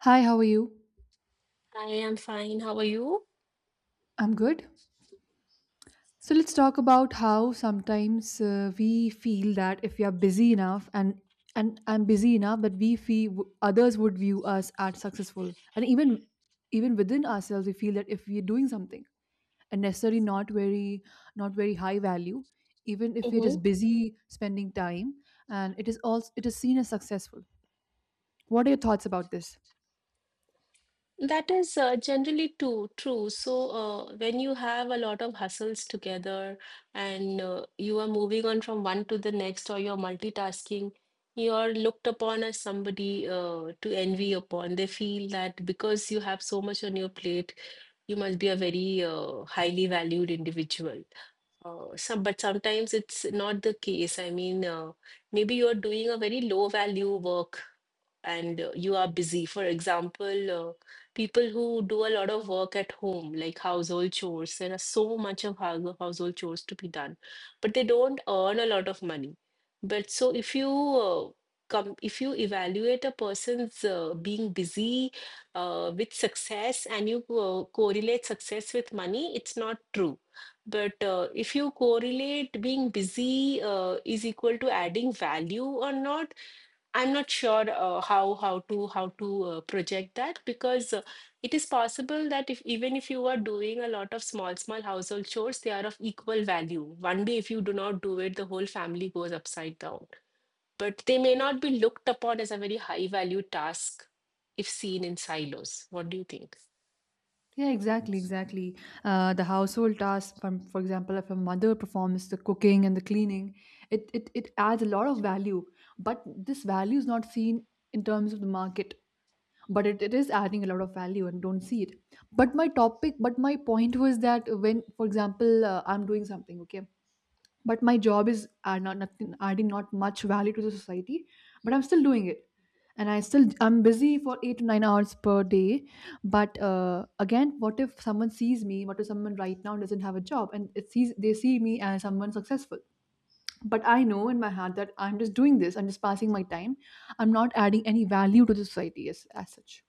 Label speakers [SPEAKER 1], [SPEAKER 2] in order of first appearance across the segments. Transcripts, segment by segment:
[SPEAKER 1] Hi, how are you?
[SPEAKER 2] I am fine. How are you?
[SPEAKER 1] I'm good. So let's talk about how sometimes we feel that if we are busy enough and and busy enough that we feel others would view us as successful, and even within ourselves we feel that if we're doing something and necessarily not very high value, even if we're just
[SPEAKER 2] Mm-hmm.
[SPEAKER 1] busy spending time, and it is seen as successful. What are your thoughts about this?
[SPEAKER 2] That is generally too true. So when you have a lot of hustles together and you are moving on from one to the next or you're multitasking, you're looked upon as somebody to envy upon. They feel that because you have so much on your plate, you must be a very highly valued individual. But sometimes it's not the case. I mean, maybe you're doing a very low value work and you are busy. For example, people who do a lot of work at home, like household chores, there are so much of household chores to be done, but they don't earn a lot of money. But so if you if you evaluate a person's being busy with success and you correlate success with money, it's not true. But if you correlate being busy is equal to adding value or not, I'm not sure how to project that because it is possible that if even if you are doing a lot of small small household chores, they are of equal value. One day, if you do not do it, the whole family goes upside down. But they may not be looked upon as a very high value task if seen in silos. What do you think?
[SPEAKER 1] Yeah, exactly, exactly. The household task, for example, if a mother performs the cooking and the cleaning, it adds a lot of value. But this value is not seen in terms of the market. But it is adding a lot of value and don't see it. But my point was that when, for example, I'm doing something, okay, but my job is not nothing adding not much value to the society, but I'm still doing it, and I'm busy for 8 to 9 hours per day. But again, what if someone right now doesn't have a job and it sees they see me as someone successful, but I know in my heart that I'm just doing this, I'm just passing my time, I'm not adding any value to the society, as such.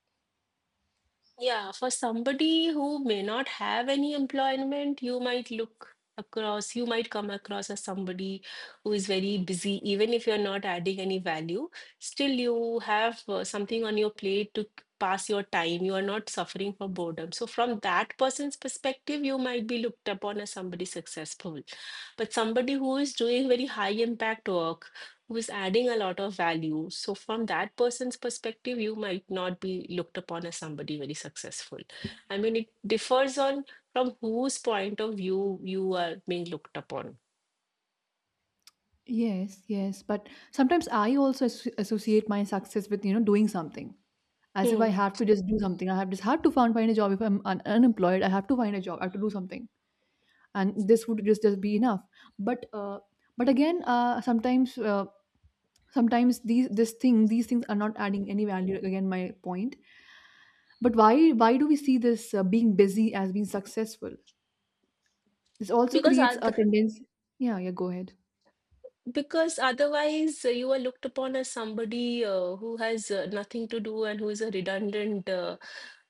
[SPEAKER 2] Yeah, for somebody who may not have any employment, you might look across, you might come across as somebody who is very busy, even if you're not adding any value. Still, you have something on your plate to pass your time. You are not suffering from boredom. So, from that person's perspective, you might be looked upon as somebody successful. But somebody who is doing very high impact work, who's adding a lot of value. So, from that person's perspective, you might not be looked upon as somebody very successful. I mean, it differs on from whose point of view you are being looked upon.
[SPEAKER 1] Yes, yes, but sometimes I also associate my success with doing something, as if I
[SPEAKER 2] Hmm.
[SPEAKER 1] have to just do something. I have just have to find a job if I'm unemployed. I have to find a job. I have to do something, and this would just be enough. But uh, but again, sometimes these things are not adding any value. Again, my point. But why do we see this being busy as being successful? This also
[SPEAKER 2] Because
[SPEAKER 1] creates
[SPEAKER 2] at
[SPEAKER 1] a tendency. Yeah, yeah. Go ahead.
[SPEAKER 2] Because otherwise, you are looked upon as somebody who has nothing to do and who is a redundant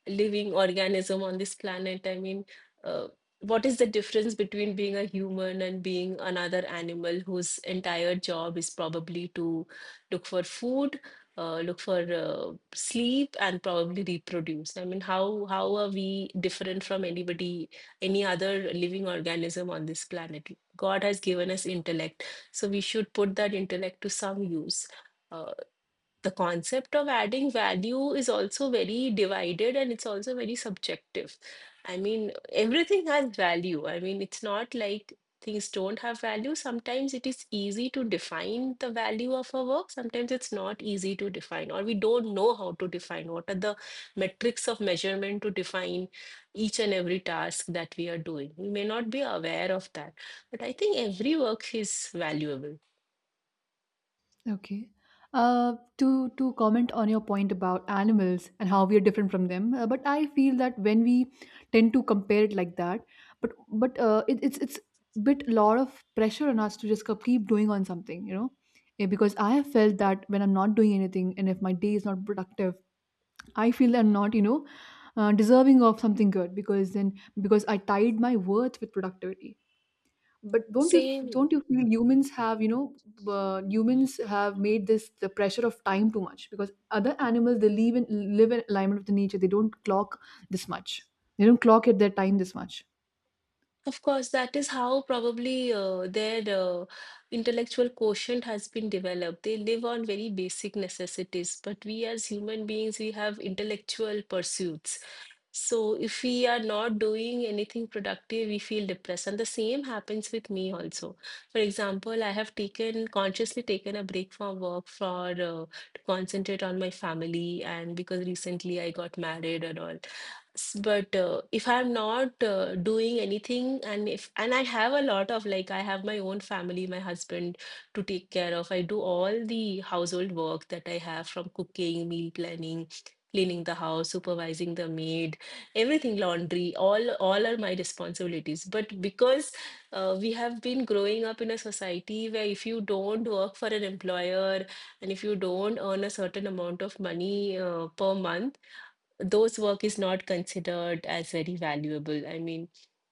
[SPEAKER 2] living organism on this planet. I mean, uh, what is the difference between being a human and being another animal whose entire job is probably to look for food, look for sleep, and probably reproduce? I mean, how are we different from anybody, any other living organism on this planet? God has given us intellect so we should put that intellect to some use. Uh, the concept of adding value is also very divided and it's also very subjective. I mean, everything has value. I mean, it's not like things don't have value. Sometimes it is easy to define the value of a work, sometimes it's not easy to define, or we don't know how to define. What are the metrics of measurement to define each and every task that we are doing? We may not be aware of that. But I think every work is valuable.
[SPEAKER 1] Okay. To comment on your point about animals and how we are different from them, but I feel that when we tend to compare it like that, but but it's bit lot of pressure on us to just keep doing on something, because I have felt that when I'm not doing anything and if my day is not productive, I feel I'm not deserving of something good, because I tied my worth with productivity. But don't you
[SPEAKER 2] Same.
[SPEAKER 1] don't you feel humans have made this the pressure of time too much, because other animals they live in alignment with the nature. They don't clock this much. They don't clock at their time this much.
[SPEAKER 2] Of course, that is how probably their intellectual quotient has been developed. They live on very basic necessities, but we as human beings, we have intellectual pursuits. So if we are not doing anything productive, we feel depressed. And the same happens with me also. For example, I have taken consciously taken a break from work for to concentrate on my family, and because recently I got married and all. But if I'm not doing anything and if and I have a lot of like I have my own family, my husband to take care of, I do all the household work that I have, from cooking, meal planning, cleaning the house, supervising the maid, everything, laundry, all are my responsibilities. But because we have been growing up in a society where if you don't work for an employer and if you don't earn a certain amount of money per month, those work is not considered as very valuable. I mean,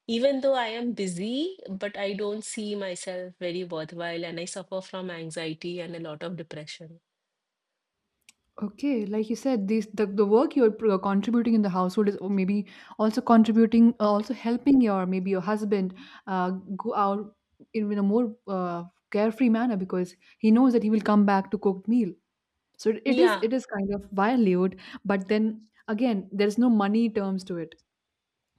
[SPEAKER 2] even though I am busy, but I don't see myself very worthwhile and I suffer from anxiety and a lot of depression.
[SPEAKER 1] Okay, like you said, the work you're contributing in the household is, or maybe also contributing, also helping your, maybe your husband, uh, go out in a more carefree manner, because he knows that he will come back to cooked meal. So it it is
[SPEAKER 2] Yeah,
[SPEAKER 1] it is kind of valued, but then again, there's no money terms to it.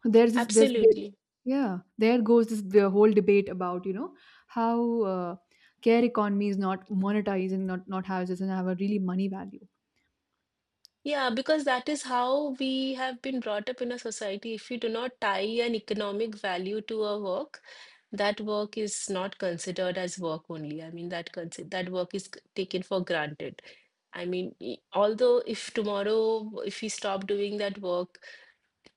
[SPEAKER 1] There's this,
[SPEAKER 2] absolutely.
[SPEAKER 1] yeah. There goes this the whole debate about how care economy is not monetized and not houses and have a really money value.
[SPEAKER 2] Yeah, because that is how we have been brought up in a society. If you do not tie an economic value to a work, that work is not considered as work only. I mean, that work is taken for granted. I mean, although if tomorrow, if we stop doing that work,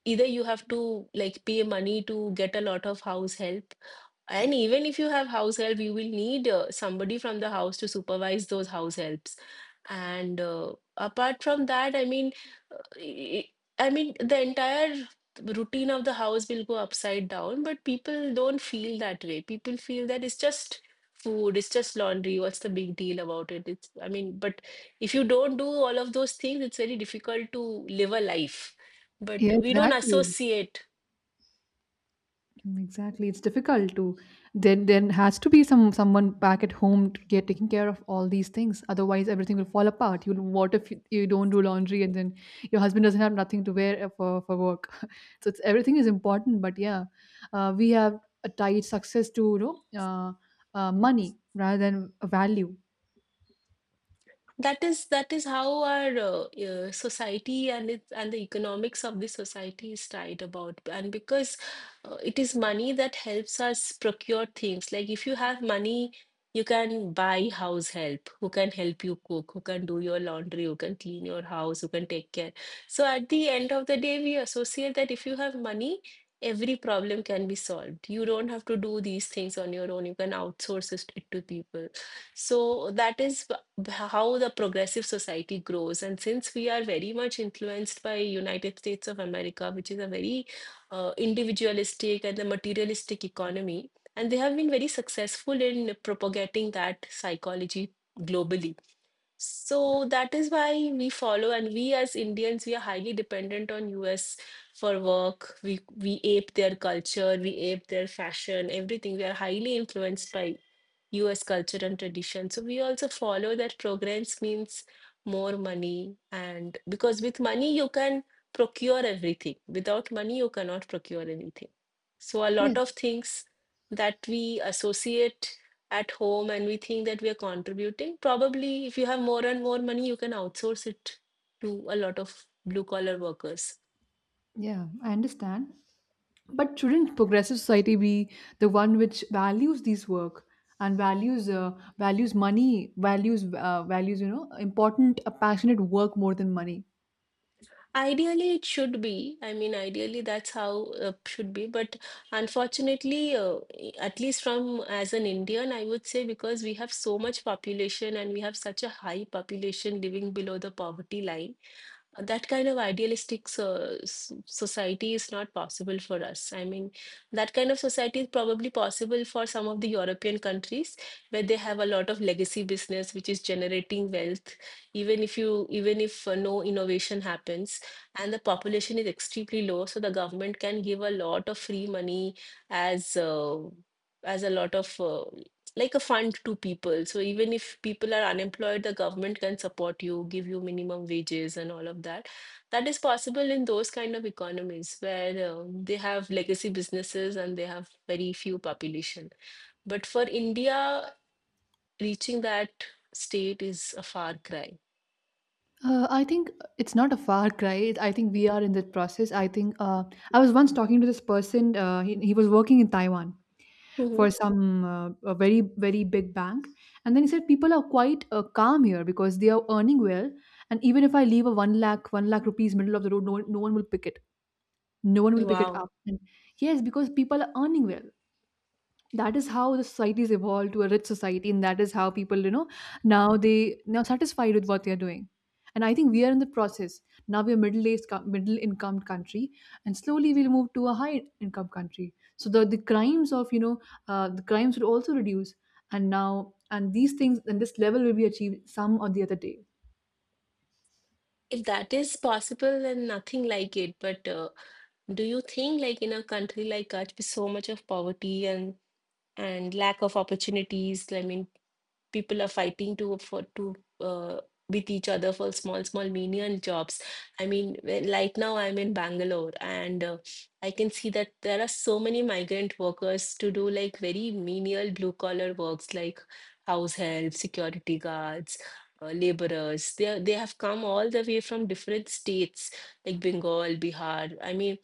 [SPEAKER 2] either you have to like pay money to get a lot of house help, and even if you have house help, you will need somebody from the house to supervise those house helps, and apart from that, I mean the entire routine of the house will go upside down, but people don't feel that way. People feel that it's just food, it's just laundry. What's the big deal about it? It's, I mean, but if you don't do all of those things, it's very difficult to live a life. But
[SPEAKER 1] Yeah,
[SPEAKER 2] we don't
[SPEAKER 1] exactly.
[SPEAKER 2] associate.
[SPEAKER 1] Mm, exactly, it's difficult to. Then has to be someone back at home to get taking care of all these things. Otherwise, everything will fall apart. You'll what if you, you don't do laundry and then your husband doesn't have nothing to wear for work. So it's everything is important. But yeah, we have a tied success to know uh, money rather than a value.
[SPEAKER 2] That is how our society and its and the economics of the society is tied about. And because it is money that helps us procure things. Like if you have money, you can buy house help who can help you cook, who can do your laundry, who can clean your house, who can take care. So at the end of the day, we associate that if you have money, every problem can be solved. You don't have to do these things on your own. You can outsource it to people. So that is how the progressive society grows. And since we are very much influenced by United States of America, which is a very individualistic and a materialistic economy, and they have been very successful in propagating that psychology globally. So that is why we follow, and we as Indians, we are highly dependent on US for work. We ape their culture, we ape their fashion, everything. We are highly influenced by US culture and tradition. So we also follow that progress means more money, and because with money you can procure everything. Without money, you cannot procure anything. So a lot
[SPEAKER 1] Yes.
[SPEAKER 2] of things that we associate at home and we think that we are contributing. Probably, if you have more and more money, you can outsource it to a lot of blue collar workers.
[SPEAKER 1] Yeah, I understand. But shouldn't progressive society be the one which values these work and values values money, values important, passionate work more than money?
[SPEAKER 2] Ideally, it should be. I mean, ideally, that's how it should be. But unfortunately, at least from as an Indian, I would say because we have so much population and we have such a high population living below the poverty line. That kind of idealistic society is not possible for us. I mean, that kind of society is probably possible for some of the European countries where they have a lot of legacy business which is generating wealth, even if no innovation happens and the population is extremely low, so the government can give a lot of free money as uh, as a lot of like a fund to people. So even if people are unemployed, the government can support you, give you minimum wages and all of that. That is possible in those kind of economies where they have legacy businesses and they have very few population. But for India, reaching that state is a far cry.
[SPEAKER 1] I think it's not a far cry. I think we are in that process. I think I was once talking to this person. He was working in Taiwan for
[SPEAKER 2] Mhm.
[SPEAKER 1] some a very very big bank, and then he said people are quite calm here because they are earning well, and even if I leave a one lakh rupees middle of the road, no, no one will pick it. No one will pick it
[SPEAKER 2] Wow.
[SPEAKER 1] up, and yes, because people are earning well, that is how the society societies evolved to a rich society, and that is how people, now satisfied with what they are doing. And I think we are in the process. Now we are middle aged middle income country, and slowly we'll move to a high income country, so the crimes of you know the crimes will also reduce. And now and these things, and this level will be achieved some or the other day.
[SPEAKER 2] If that is possible, then nothing like it. But do you think, like in a country like us, with so much of poverty and lack of opportunities, I mean, people are fighting to for to uh, with each other for small small menial jobs. I mean, like now I'm in Bangalore, and I can see that there are so many migrant workers to do like very menial blue collar works like house help, security guards, laborers. They have come all the way from different states like Bengal, Bihar. I mean,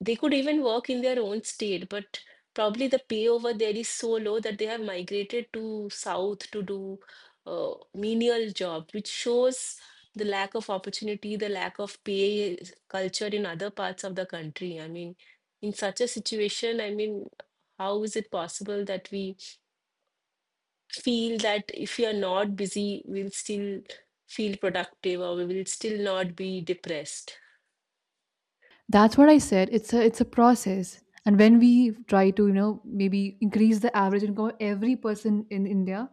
[SPEAKER 2] they could even work in their own state, but probably the pay over there is so low that they have migrated to south to do menial jobs, which shows the lack of opportunity, the lack of pay culture in other parts of the country. I mean, in such a situation, I mean, how is it possible that we feel that if we are not busy, we'll still feel productive or we will still not be depressed?
[SPEAKER 1] That's what I said, it's a process. And when we try to, maybe increase the average income of every person in India,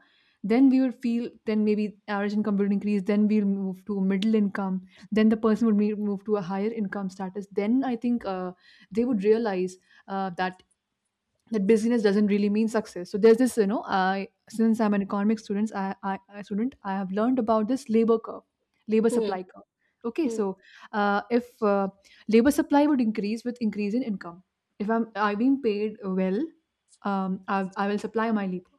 [SPEAKER 1] then we would feel, then maybe average income will increase, then we'll move to middle income. Then the person would move to a higher income status. Then I think they would realize, that that busyness doesn't really mean success. So there's this, I, since I'm an economics student, I have learned about this labor
[SPEAKER 2] Hmm.
[SPEAKER 1] supply curve. Okay,
[SPEAKER 2] hmm,
[SPEAKER 1] so if labor supply would increase with increase in income. If I'm being paid well, I will supply my labor,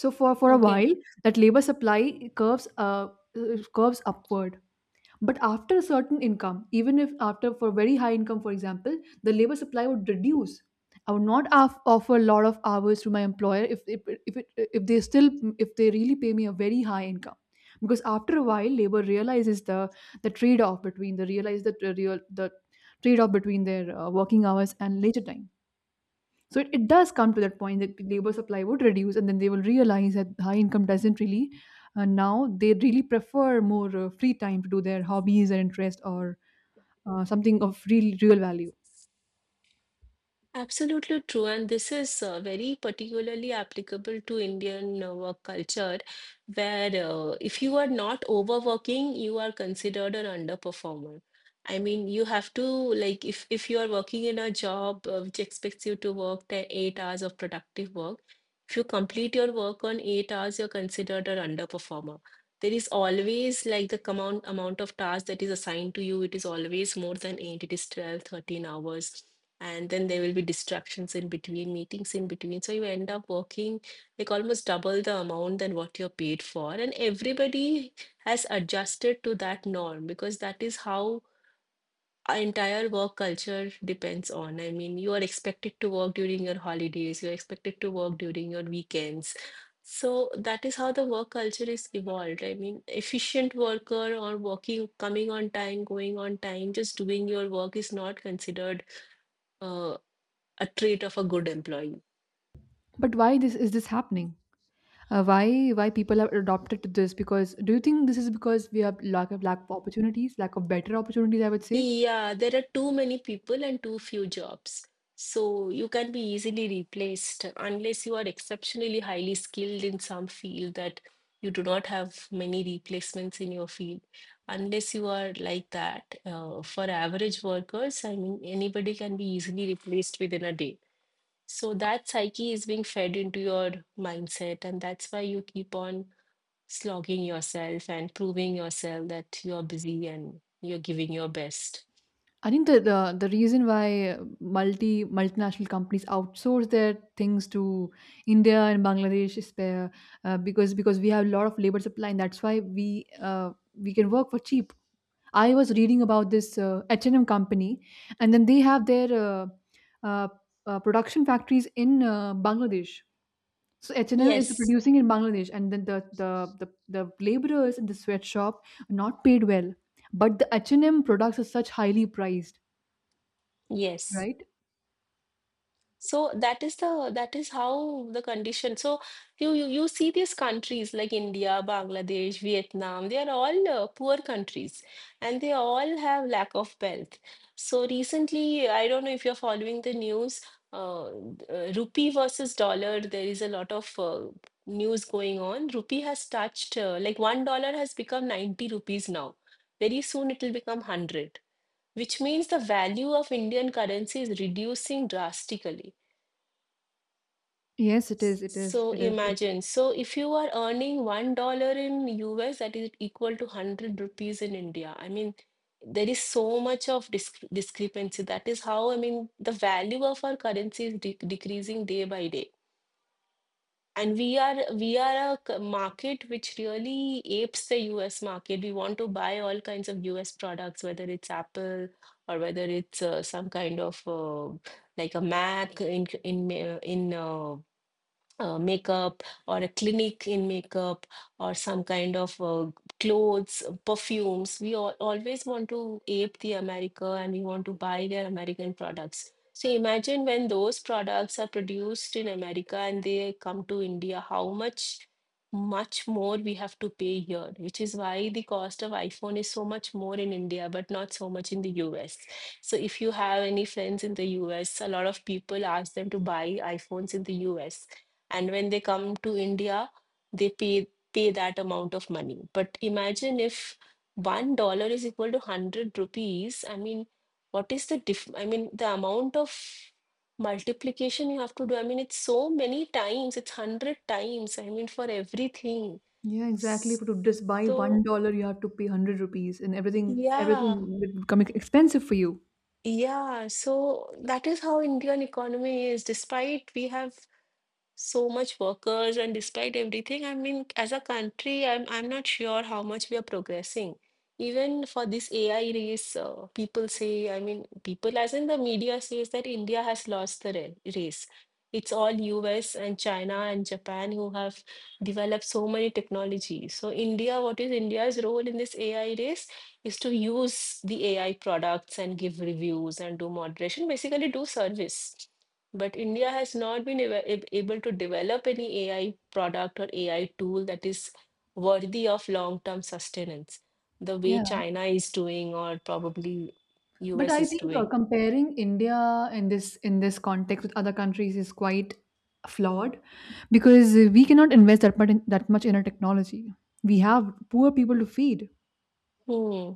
[SPEAKER 1] so for a
[SPEAKER 2] Okay.
[SPEAKER 1] while that labor supply curves upward. But after a certain income, even if after for very high income, for example, the labor supply would reduce. I would not offer a lot of hours to my employer, if, it, if they still if they really pay me a very high income, because after a while, labor realizes the trade off between the realize the real the trade off between their working hours and leisure time. So it does come to that point that labor supply would reduce, and then they will realize that high income doesn't really. Now they really prefer more free time to do their hobbies or interest or something of real real value.
[SPEAKER 2] Absolutely true, and this is very particularly applicable to Indian work culture, where if you are not overworking, you are considered an underperformer. I mean, you have to like if you are working in a job which expects you to work the 8 hours of productive work. If you complete your work on 8 hours, you're considered an underperformer. There is always like the amount of tasks that is assigned to you. It is always more than eight, it is 12, 13 hours, and then there will be distractions in between, meetings in between. So you end up working like almost double the amount than what you're paid for. And everybody has adjusted to that norm because that is how our entire work culture depends on. I mean, you are expected to work during your holidays, you're expected to work during your weekends. So that is how the work culture is evolved. I mean, efficient worker or working, coming on time, going on time, just doing your work is not considered uh, a trait of a good employee.
[SPEAKER 1] But why this is this happening? Why people have adopted to this? Because do you think this is because we have lack of opportunities, lack of better opportunities? I would say
[SPEAKER 2] Yeah, there are too many people and too few jobs. So you can be easily replaced unless you are exceptionally highly skilled in some field that you do not have many replacements in your field. Unless you are like that, for average workers, I mean, anybody can be easily replaced within a day. So that psyche is being fed into your mindset, and that's why you keep on slogging yourself and proving yourself that you're busy and you're giving your best.
[SPEAKER 1] I think the, the reason why multinational companies outsource their things to India and Bangladesh is there, because we have a lot of labor supply, and that's why we can work for cheap. I was reading about this H&M company, and then they have their uh, production factories in Bangladesh. So H&M is
[SPEAKER 2] Yes,
[SPEAKER 1] producing in Bangladesh, and then the, the laborers in the sweatshop are not paid well, but the H&M products are such highly priced,
[SPEAKER 2] yes.
[SPEAKER 1] right?
[SPEAKER 2] So that is how the condition. So you see these countries like India, Bangladesh, Vietnam, they are all poor countries, and they all have lack of wealth. So recently, I don't know if you're following the news, rupee versus dollar, there is a lot of news going on. Rupee has touched like $1 has become 90 rupees now. Very soon it will become 100, which means the value of Indian currency is reducing drastically.
[SPEAKER 1] Yes, it
[SPEAKER 2] S-
[SPEAKER 1] is. It is.
[SPEAKER 2] So
[SPEAKER 1] It is.
[SPEAKER 2] imagine, so if you are earning $1 in US, that is equal to 100 rupees in India. I mean, there is so much of discrepancy. That is how, I mean, the value of our currency is de decreasing day by day. And we are a market which really apes the US market. We want to buy all kinds of US products, whether it's Apple or whether it's some kind of like a Mac in makeup, or a clinic in makeup, or some kind of clothes, perfumes. We always want to ape the America, and we want to buy their American products. So imagine when those products are produced in America and they come to India, how much more we have to pay here, which is why the cost of iPhone is so much more in India, but not so much in the US. So if you have any friends in the US, a lot of people ask them to buy iPhones in the US, and when they come to India, they pay that amount of money. But imagine if $1 is equal to 100 rupees. I mean, what is the diff? I mean, the amount of multiplication you have to do. I mean, it's so many times. It's 100 times. I mean, for everything.
[SPEAKER 1] Yeah, exactly. But to just buy one
[SPEAKER 2] So
[SPEAKER 1] dollar, you have to pay 100 rupees, and everything
[SPEAKER 2] yeah,
[SPEAKER 1] would become expensive for you.
[SPEAKER 2] yeah. So that is how Indian economy is. Despite we have so much workers and despite everything, I mean, as a country, I'm not sure how much we are progressing, even for this AI race. People say, I mean, people as in the media says that India has lost the race. It's all US and China and Japan who have developed so many technologies. So India, what is India's role in this AI race is to use the AI products and give reviews and do moderation, basically do service. But India has not been able to develop any AI product or AI tool that is worthy of long-term sustenance, the way
[SPEAKER 1] Yeah,
[SPEAKER 2] China is doing, or probably
[SPEAKER 1] but
[SPEAKER 2] US
[SPEAKER 1] I
[SPEAKER 2] is
[SPEAKER 1] think
[SPEAKER 2] doing.
[SPEAKER 1] comparing India in this context with other countries is quite flawed, because we cannot invest that much in our technology. We have poor people to feed.
[SPEAKER 2] Hmm.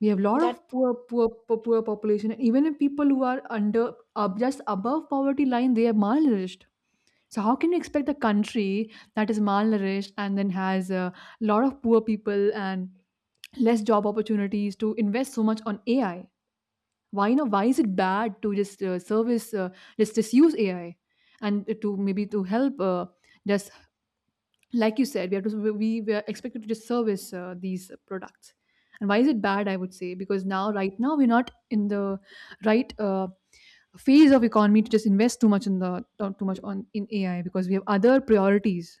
[SPEAKER 1] We have a lot
[SPEAKER 2] That
[SPEAKER 1] of poor, poor, poor, poor population, and even if people who are under just above poverty line, they are malnourished. So how can you expect a country that is malnourished and then has a lot of poor people and less job opportunities to invest so much on AI? Why you know why is it bad to just service, just use AI, and to maybe to help, just like you said, we have to, we are expected to just service these products. And why is it bad? I would say because now, right now, we're not in the right phase of economy to just invest too much in the not too much on in AI, because we have other priorities.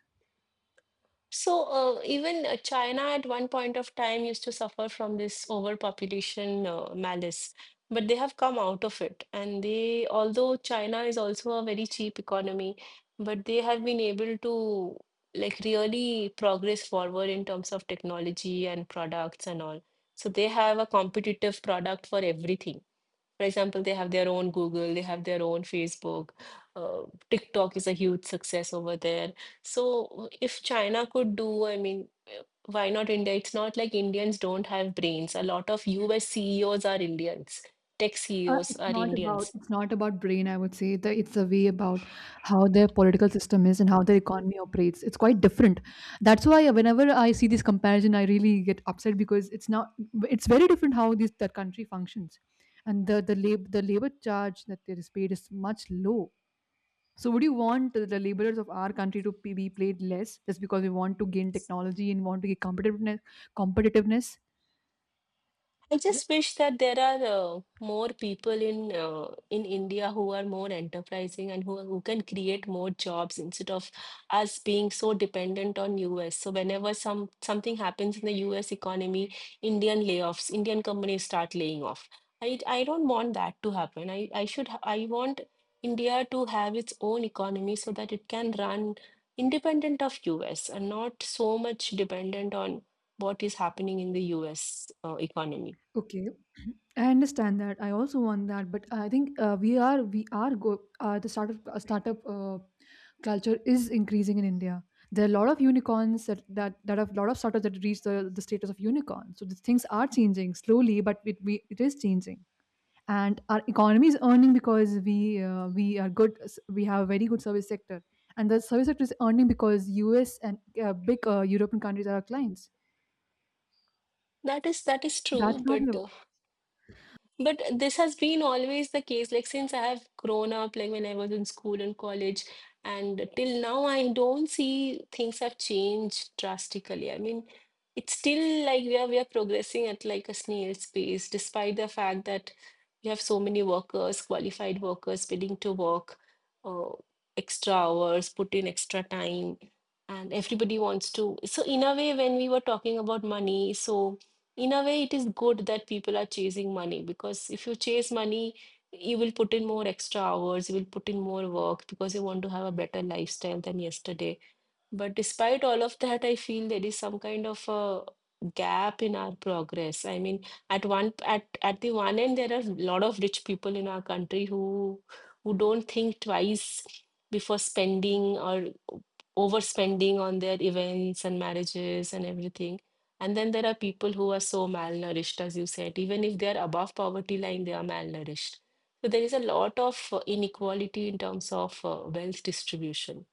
[SPEAKER 2] So, even China at one point of time used to suffer from this overpopulation malice, but they have come out of it. And they, although China is also a very cheap economy, but they have been able to like really progress forward in terms of technology and products and all. So they have a competitive product for everything. For example, they have their own Google, they have their own Facebook. Uh, TikTok is a huge success over there. So if China could do, I mean, why not India? It's not like Indians don't have brains. A lot of US CEOs are Indians. Tech
[SPEAKER 1] Uh,
[SPEAKER 2] CEOs
[SPEAKER 1] it's
[SPEAKER 2] are
[SPEAKER 1] not about
[SPEAKER 2] Indians.
[SPEAKER 1] it's not about brain. I would say that it's a way about how their political system is and how their economy operates. It's quite different. That's why whenever I see this comparison, I really get upset, because it's not it's very different how this that country functions, and the the labor charge that is paid is much low. So would you want the laborers of our country to be paid less just because we want to gain technology and want to get competitiveness?
[SPEAKER 2] I just wish that there are more people in in India who are more enterprising and who can create more jobs, instead of us being so dependent on US. So whenever something happens in the US economy, Indian layoffs, Indian companies start laying off. I don't want that to happen. I want India to have its own economy so that it can run independent of US and not so much dependent on what is happening in the US economy.
[SPEAKER 1] Okay, I understand that. I also want that, but I think we are go the startup culture is increasing in India. There are a lot of unicorns that have a lot of startups that reach the status of unicorn. So the things are changing slowly, but it is changing. And our economy is earning because we are good. We have a very good service sector, and the service sector is earning because U.S. and big European countries are our clients.
[SPEAKER 2] That is
[SPEAKER 1] That's
[SPEAKER 2] true,
[SPEAKER 1] how we.
[SPEAKER 2] but this has been always the case. Like since I have grown up, like when I was in school and college, and till now, I don't see things have changed drastically. I mean, it's still like we are progressing at like a snail's pace, despite the fact that we have so many workers, qualified workers willing to work uh, extra hours, put in extra time, and everybody wants to. So in a way, when we were talking about money, so in a way it is good that people are chasing money, because if you chase money, you will put in more extra hours, you will put in more work, because you want to have a better lifestyle than yesterday. But despite all of that, I feel there is some kind of a gap in our progress. I mean, at the one end, there are a lot of rich people in our country who don't think twice before spending or overspending on their events and marriages and everything. And then there are people who are so malnourished, as you said. Even if they are above poverty line, they are malnourished. So there is a lot of inequality in terms of wealth distribution.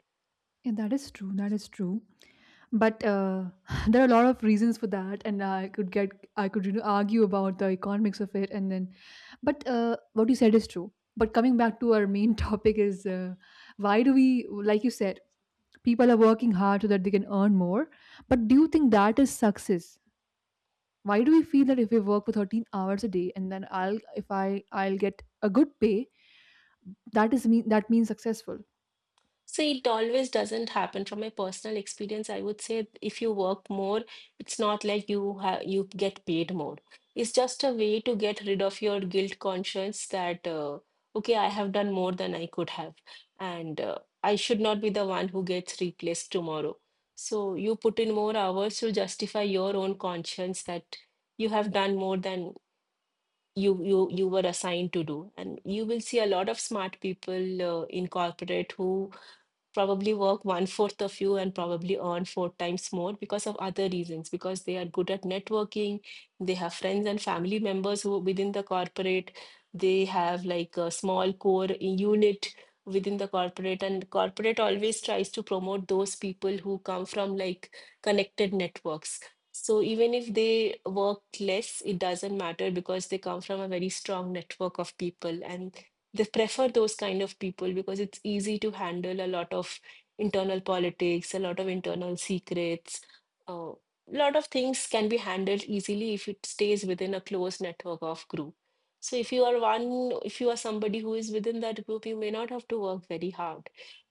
[SPEAKER 1] Yeah, that is true. That is true, but there are a lot of reasons for that, and I could argue about the economics of it, and then but what you said is true. But coming back to our main topic is, why do we, like you said, people are working hard so that they can earn more, but do you think that is success? Why do we feel that if we work for 13 hours a day and then I'll if I I'll get a good pay, that means successful?
[SPEAKER 2] So it always doesn't happen. From my personal experience, I would say if you work more, it's not like you get paid more. It's just a way to get rid of your guilt conscience that okay, I have done more than I could have, and I should not be the one who gets replaced tomorrow. So you put in more hours to justify your own conscience that you have done more than you were assigned to do, and you will see a lot of smart people in corporate who probably work one fourth of you and probably earn four times more, because of other reasons, because they are good at networking, they have friends and family members who within the corporate, they have like a small core unit within the corporate, and corporate always tries to promote those people who come from like connected networks. So even if they work less, it doesn't matter, because they come from a very strong network of people, and they prefer those kind of people, because it's easy to handle a lot of internal politics, a lot of internal secrets. A lot of things can be handled easily if it stays within a close network of group. So if you are one, if you are somebody who is within that group, you may not have to work very hard.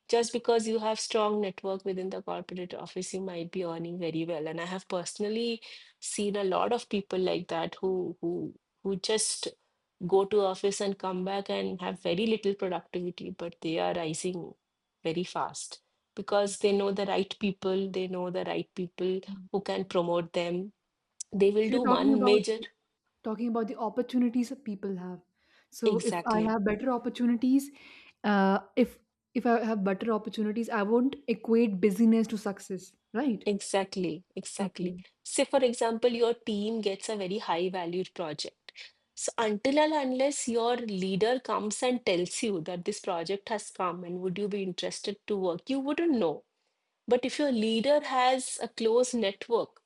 [SPEAKER 2] Just because you have strong network within the corporate office, you might be earning very well. And I have personally seen a lot of people like that who just go to office and come back and have very little productivity, but they are rising very fast,
[SPEAKER 1] Okay.
[SPEAKER 2] because they know the right people, they know the right people
[SPEAKER 1] Mm.
[SPEAKER 2] who can promote them. They will
[SPEAKER 1] So
[SPEAKER 2] do
[SPEAKER 1] you're talking
[SPEAKER 2] one
[SPEAKER 1] about
[SPEAKER 2] major.
[SPEAKER 1] talking about the opportunities that people have. So if I
[SPEAKER 2] Exactly,
[SPEAKER 1] have better opportunities, uh, if if I have better opportunities, I won't equate busyness to success, right?
[SPEAKER 2] exactly, exactly.
[SPEAKER 1] Okay.
[SPEAKER 2] Say, for example, your team gets a very high valued project. So, until and unless your leader comes and tells you that this project has come and would you be interested to work, you wouldn't know. But if your leader has a close network,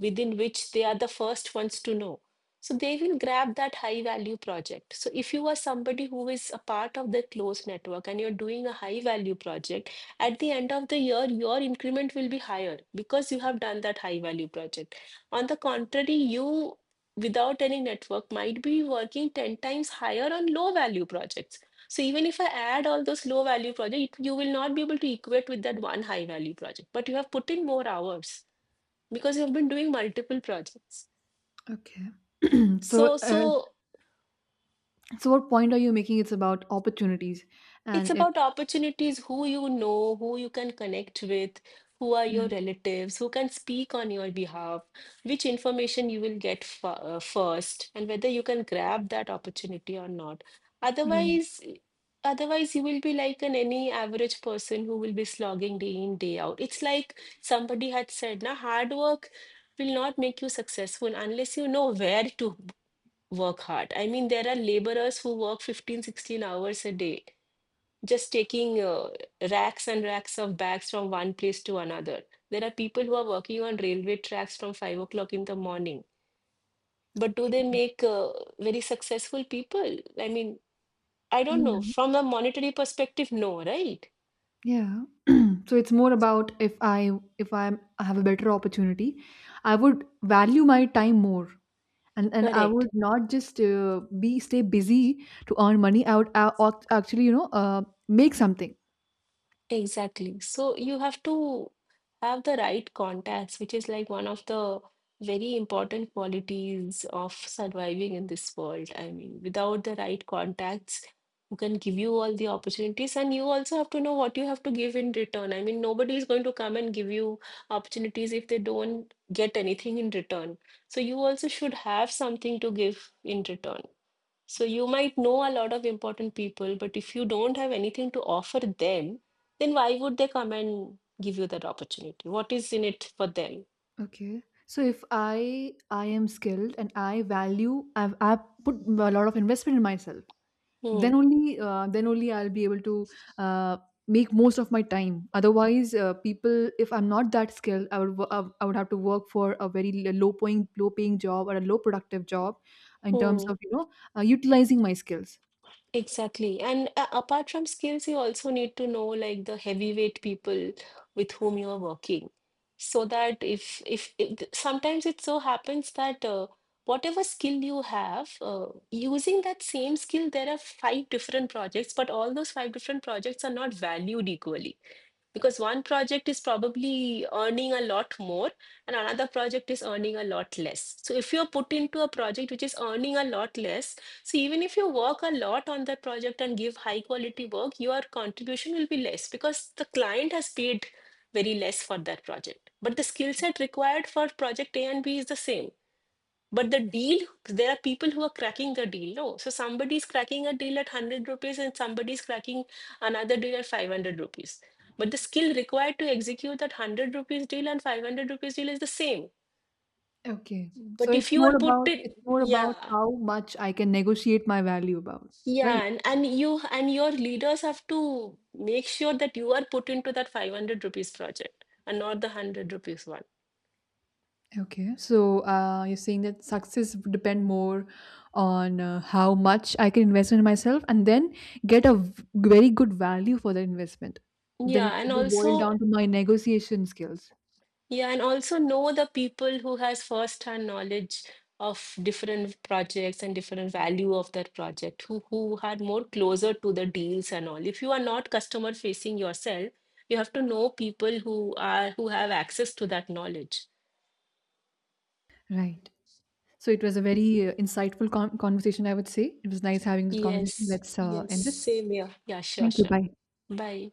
[SPEAKER 2] within which they are the first ones to know. So they will grab that high value project. So if you are somebody who is a part of the closed network and you're doing a high value project, at the end of the year, your increment will be higher because you have done that high value project. On the contrary, you without any network might be working 10 times higher on low value projects. So even if I add all those low value projects, you will not be able to equate with that one high value project, but you have put in more hours because you've been doing multiple projects.
[SPEAKER 1] Okay. So
[SPEAKER 2] So,
[SPEAKER 1] uh,
[SPEAKER 2] so
[SPEAKER 1] so what point are you making? It's about opportunities.
[SPEAKER 2] it's
[SPEAKER 1] And if
[SPEAKER 2] about opportunities, who you know, who you can connect with, who are
[SPEAKER 1] Yeah,
[SPEAKER 2] your relatives, who can speak on your behalf, which information you will get f first, and whether you can grab that opportunity or not.
[SPEAKER 1] right.
[SPEAKER 2] Otherwise, otherwise, you will be like an any average person who will be slogging day in, day out. It's like somebody had said, na, hard work will not make you successful unless you know where to work hard. I mean, there are laborers who work 15, 16 hours a day, just taking racks and racks of bags from one place to another. There are people who are working on railway tracks from 5 o'clock in the morning. But do they make very successful people? I mean, I don't know.
[SPEAKER 1] Yeah,
[SPEAKER 2] From a monetary perspective, no, right?
[SPEAKER 1] yeah. So it's more about, if I have a better opportunity. I would value my time more, and I would
[SPEAKER 2] Correct.
[SPEAKER 1] not just be stay busy to earn money. I would, actually, make something.
[SPEAKER 2] Exactly. So you have to have the right contacts, which is like one of the very important qualities of surviving in this world. I mean, without the right contacts, who can give you all the opportunities, and you also have to know what you have to give in return. I mean, nobody is going to come and give you opportunities if they don't get anything in return. So you also should have something to give in return. So you might know a lot of important people, but if you don't have anything to offer them, then why would they come and give you that opportunity? What is in it for them?
[SPEAKER 1] Okay. So if I am skilled and I value, I put a lot of investment in myself.
[SPEAKER 2] Hmm.
[SPEAKER 1] Then only, then only I'll be able to uh, make most of my time. Otherwise, people, if I'm not that skilled, I would have to work for a very low paying job or a low productive job in terms
[SPEAKER 2] Hmm.
[SPEAKER 1] of, utilizing my skills.
[SPEAKER 2] Exactly. And apart from skills, you also need to know like the heavyweight people with whom you are working. So that if th- sometimes it so happens that whatever skill you have, using that same skill, there are five different projects, but all those five different projects are not valued equally, because one project is probably earning a lot more and another project is earning a lot less. So if you're put into a project which is earning a lot less, so even if you work a lot on that project and give high quality work, your contribution will be less because the client has paid very less for that project. But the skill set required for project A and B is the same. But the deal, there are people who are cracking the deal. No, so somebody's cracking a deal at 100 rupees and somebody's cracking another deal at 500 rupees. But the skill required to execute that 100 rupees deal and 500 rupees deal is the same.
[SPEAKER 1] Okay. So
[SPEAKER 2] But
[SPEAKER 1] it's
[SPEAKER 2] if you
[SPEAKER 1] more
[SPEAKER 2] are put
[SPEAKER 1] about
[SPEAKER 2] in,
[SPEAKER 1] it's more about
[SPEAKER 2] yeah,
[SPEAKER 1] how much I can negotiate my value about, right?
[SPEAKER 2] yeah, and you and your leaders have to make sure that you are put into that 500 rupees project and not the 100 rupees one.
[SPEAKER 1] Okay. So you're saying that success would depend more on how much I can invest in myself and then get a very good value for the investment. Then
[SPEAKER 2] Yeah,
[SPEAKER 1] it
[SPEAKER 2] and
[SPEAKER 1] will boil down
[SPEAKER 2] also
[SPEAKER 1] to my negotiation skills.
[SPEAKER 2] Yeah, and also know the people who has first-hand knowledge of different projects and different value of that project, who are more closer to the deals and all. If you are not customer facing yourself, you have to know people who have access to that knowledge.
[SPEAKER 1] Right. So it was a very insightful conversation, I would say. It was nice having this conversation.
[SPEAKER 2] Yes,
[SPEAKER 1] Let's
[SPEAKER 2] yes,
[SPEAKER 1] end this.
[SPEAKER 2] same here. Yeah, sure,
[SPEAKER 1] Thank you.
[SPEAKER 2] sure.
[SPEAKER 1] Bye.
[SPEAKER 2] Bye.